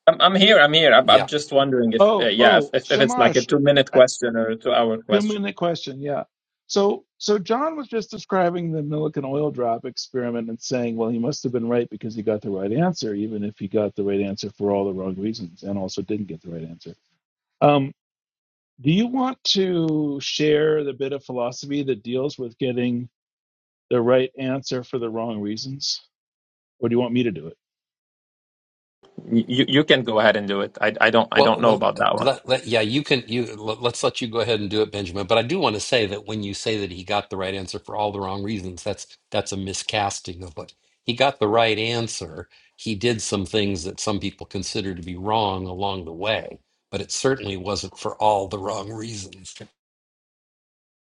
Speaker 2: I'm, I'm here, I'm here. I'm, I'm just wondering if, uh,
Speaker 8: Oh,
Speaker 2: yeah, if,
Speaker 8: oh,
Speaker 2: if, if it's like a
Speaker 8: Shamash,
Speaker 2: two minute
Speaker 8: a
Speaker 2: question or a two hour
Speaker 8: two
Speaker 2: question.
Speaker 8: minute question. Yeah. So, so John was just describing the Millikan oil drop experiment and saying, well, he must have been right because he got the right answer, even if he got the right answer for all the wrong reasons and also didn't get the right answer. Um, do you want to share the bit of philosophy that deals with getting the right answer for the wrong reasons, or do you want me to do it?
Speaker 2: You, you you can go ahead and do it. I, I don't, I don't know about that one.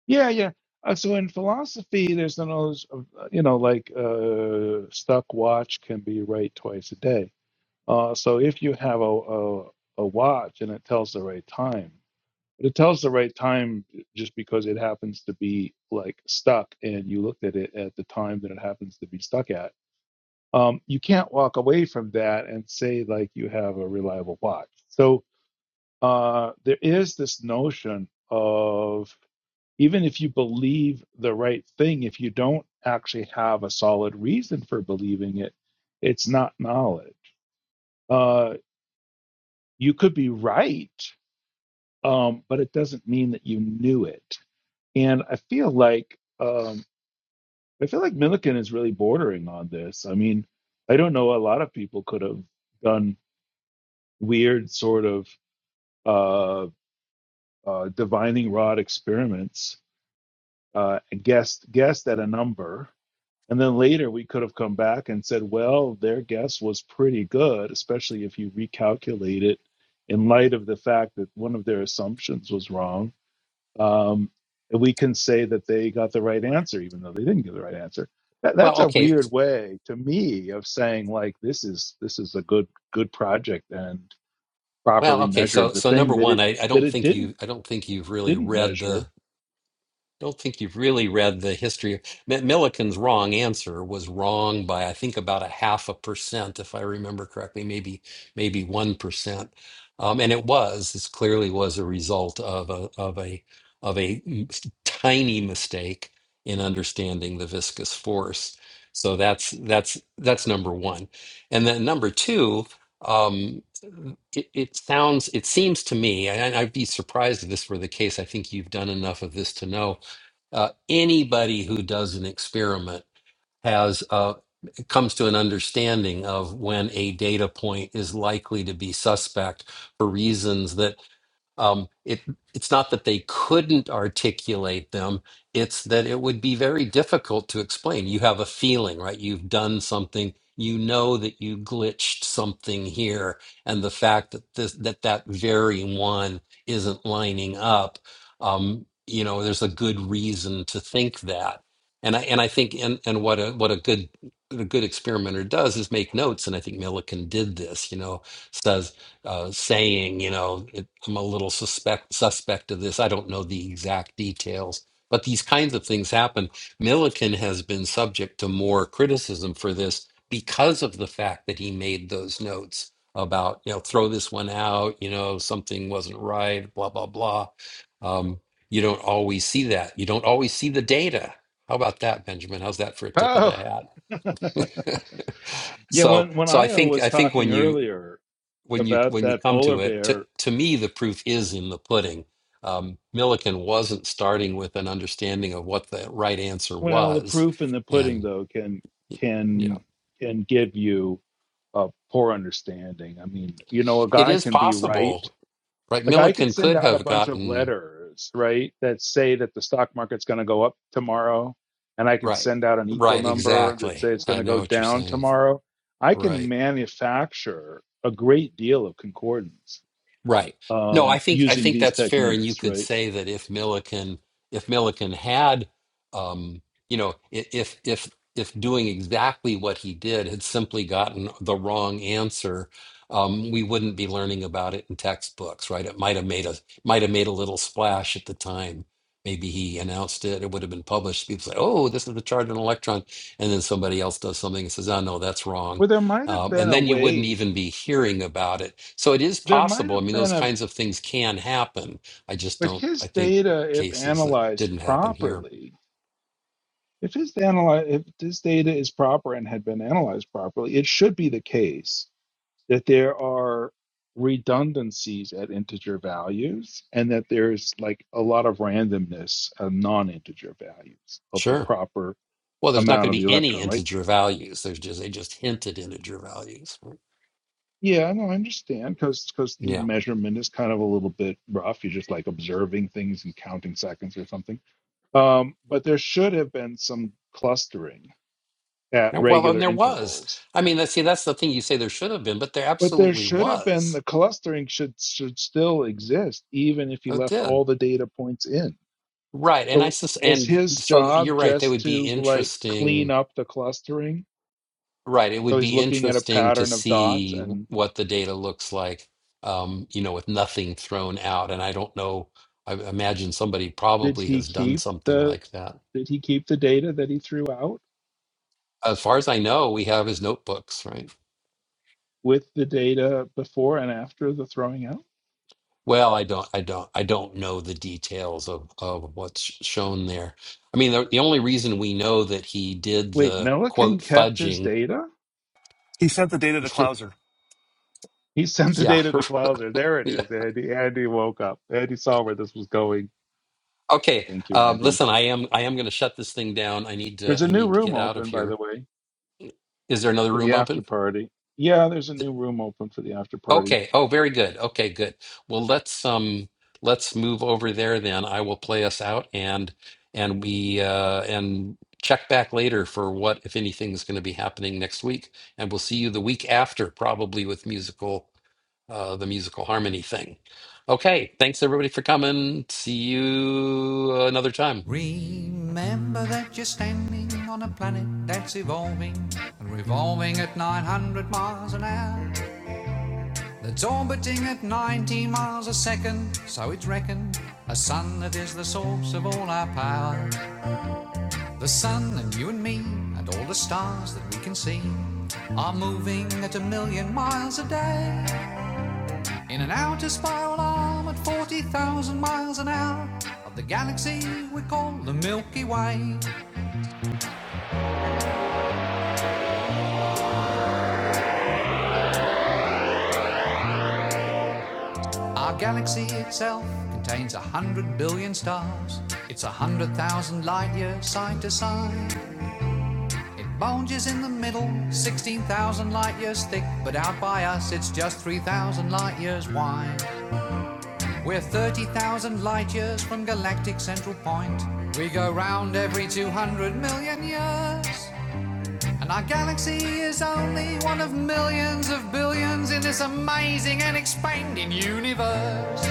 Speaker 8: Yeah, yeah. Uh, so in philosophy, there's none of those, uh, you know, like uh, stuck watch can be right twice a day. Uh, so if you have a, a a watch and it tells the right time, but it tells the right time just because it happens to be like stuck, and you looked at it at the time that it happens to be stuck at. Um, you can't walk away from that and say like you have a reliable watch. So uh, there is this notion of even if you believe the right thing, if you don't actually have a solid reason for believing it, it's not knowledge. Uh, you could be right, um, but it doesn't mean that you knew it. And I feel like um, I feel like Millikan is really bordering on this. I mean, I don't know. A lot of people could have done weird sort of uh, uh, divining rod experiments uh, and guessed guessed at a number, and then later we could have come back and said, well, their guess was pretty good, especially if you recalculate it in light of the fact that one of their assumptions was wrong. Um, and we can say that they got the right answer, even though they didn't get the right answer. That, that's a weird way to me of saying like this is this is a good good project and properly measured the thing that it that it didn't didn't measure. Oh. Yeah, when when Io was talking earlier about that polar bear, well, the proof in the pudding though can can can give you a poor understanding. I mean, you know, a guy can be right. Like I could send out a bunch of letters, right, that say that the stock market's going to go up tomorrow, and I could send out an equal number that say it's going to go down tomorrow. I can manufacture a great deal of concordance um, using these techniques, right? Well, there might have been a way. There might have been a, but his data, if analyzed properly, if his analyze, if this data is proper and had been analyzed properly, it should be the case that there are redundancies at integer values and that there's like a lot of randomness of non-integer values of the proper amount of the electron, right? Yeah, no, I understand because because the measurement is kind of a little bit rough. You're just like observing things and counting seconds or something. Um, but there should have been some clustering at regular intervals. But there should have been the clustering should should still exist even if he left all the data points in. So was his job just to like clean up the clustering? So he's looking at a pattern of dots and did he keep the did he keep the data that he threw out? with the data before and after the throwing out? Wait, Milliken kept his data?
Speaker 4: he sent the data to Clouser.
Speaker 8: He sent the data to Clouser. There it is, Andy. Andy woke up. Andy saw where this was going. Thank you, Andy. There's a new room open, by the way, for the after party. Yeah, there's a new room open for the after party.
Speaker 1: Remember that you're standing on a planet that's evolving and revolving at 900 miles an hour. That's orbiting at 90 miles a second, so it's reckoned. A sun that is the source of all our power. The sun and you and me and all the stars that we can see are moving at a million miles a day. In an outer spiral arm at 40,000 miles an hour of the galaxy we call the Milky Way. Our galaxy itself contains a hundred billion stars. It's a hundred thousand light years side to side. It bulges in the middle, 16,000 light years thick, but out by us it's just 3,000 light years wide. We're 30,000 light years from galactic central point. We go round every 200 million years. And our galaxy is only one of millions of billions in this amazing and expanding universe.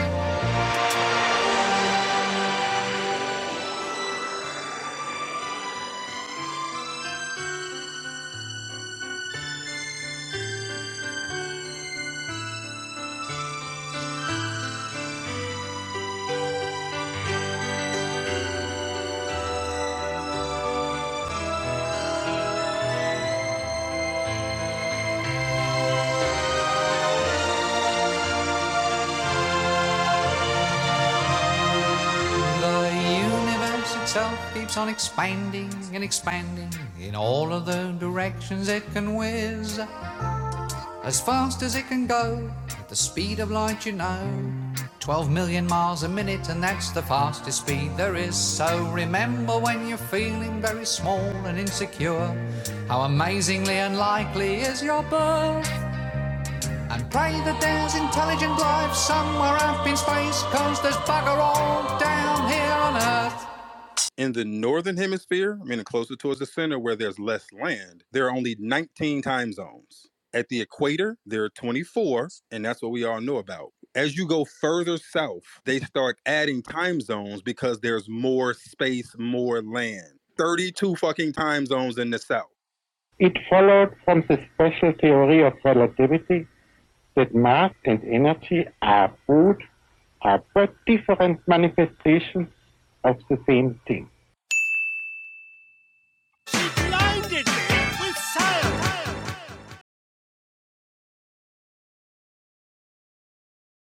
Speaker 1: The universe itself keeps on expanding and expanding in all of the directions it can whiz. As fast as it can go, at the speed of light, you know. 12 million miles a minute, and that's the fastest speed there is. So remember when you're feeling very small and insecure, how amazingly unlikely is your birth. And pray that there's intelligent life somewhere up in space, cause there's bugger all down here on Earth. In the northern hemisphere, meaning closer towards the center where there's less land, there are only 19 time zones. At the equator, there are 24, and that's what we all know about. As you go further south, they start adding time zones because there's more space, more land. 32 fucking time zones in the south. It's With science.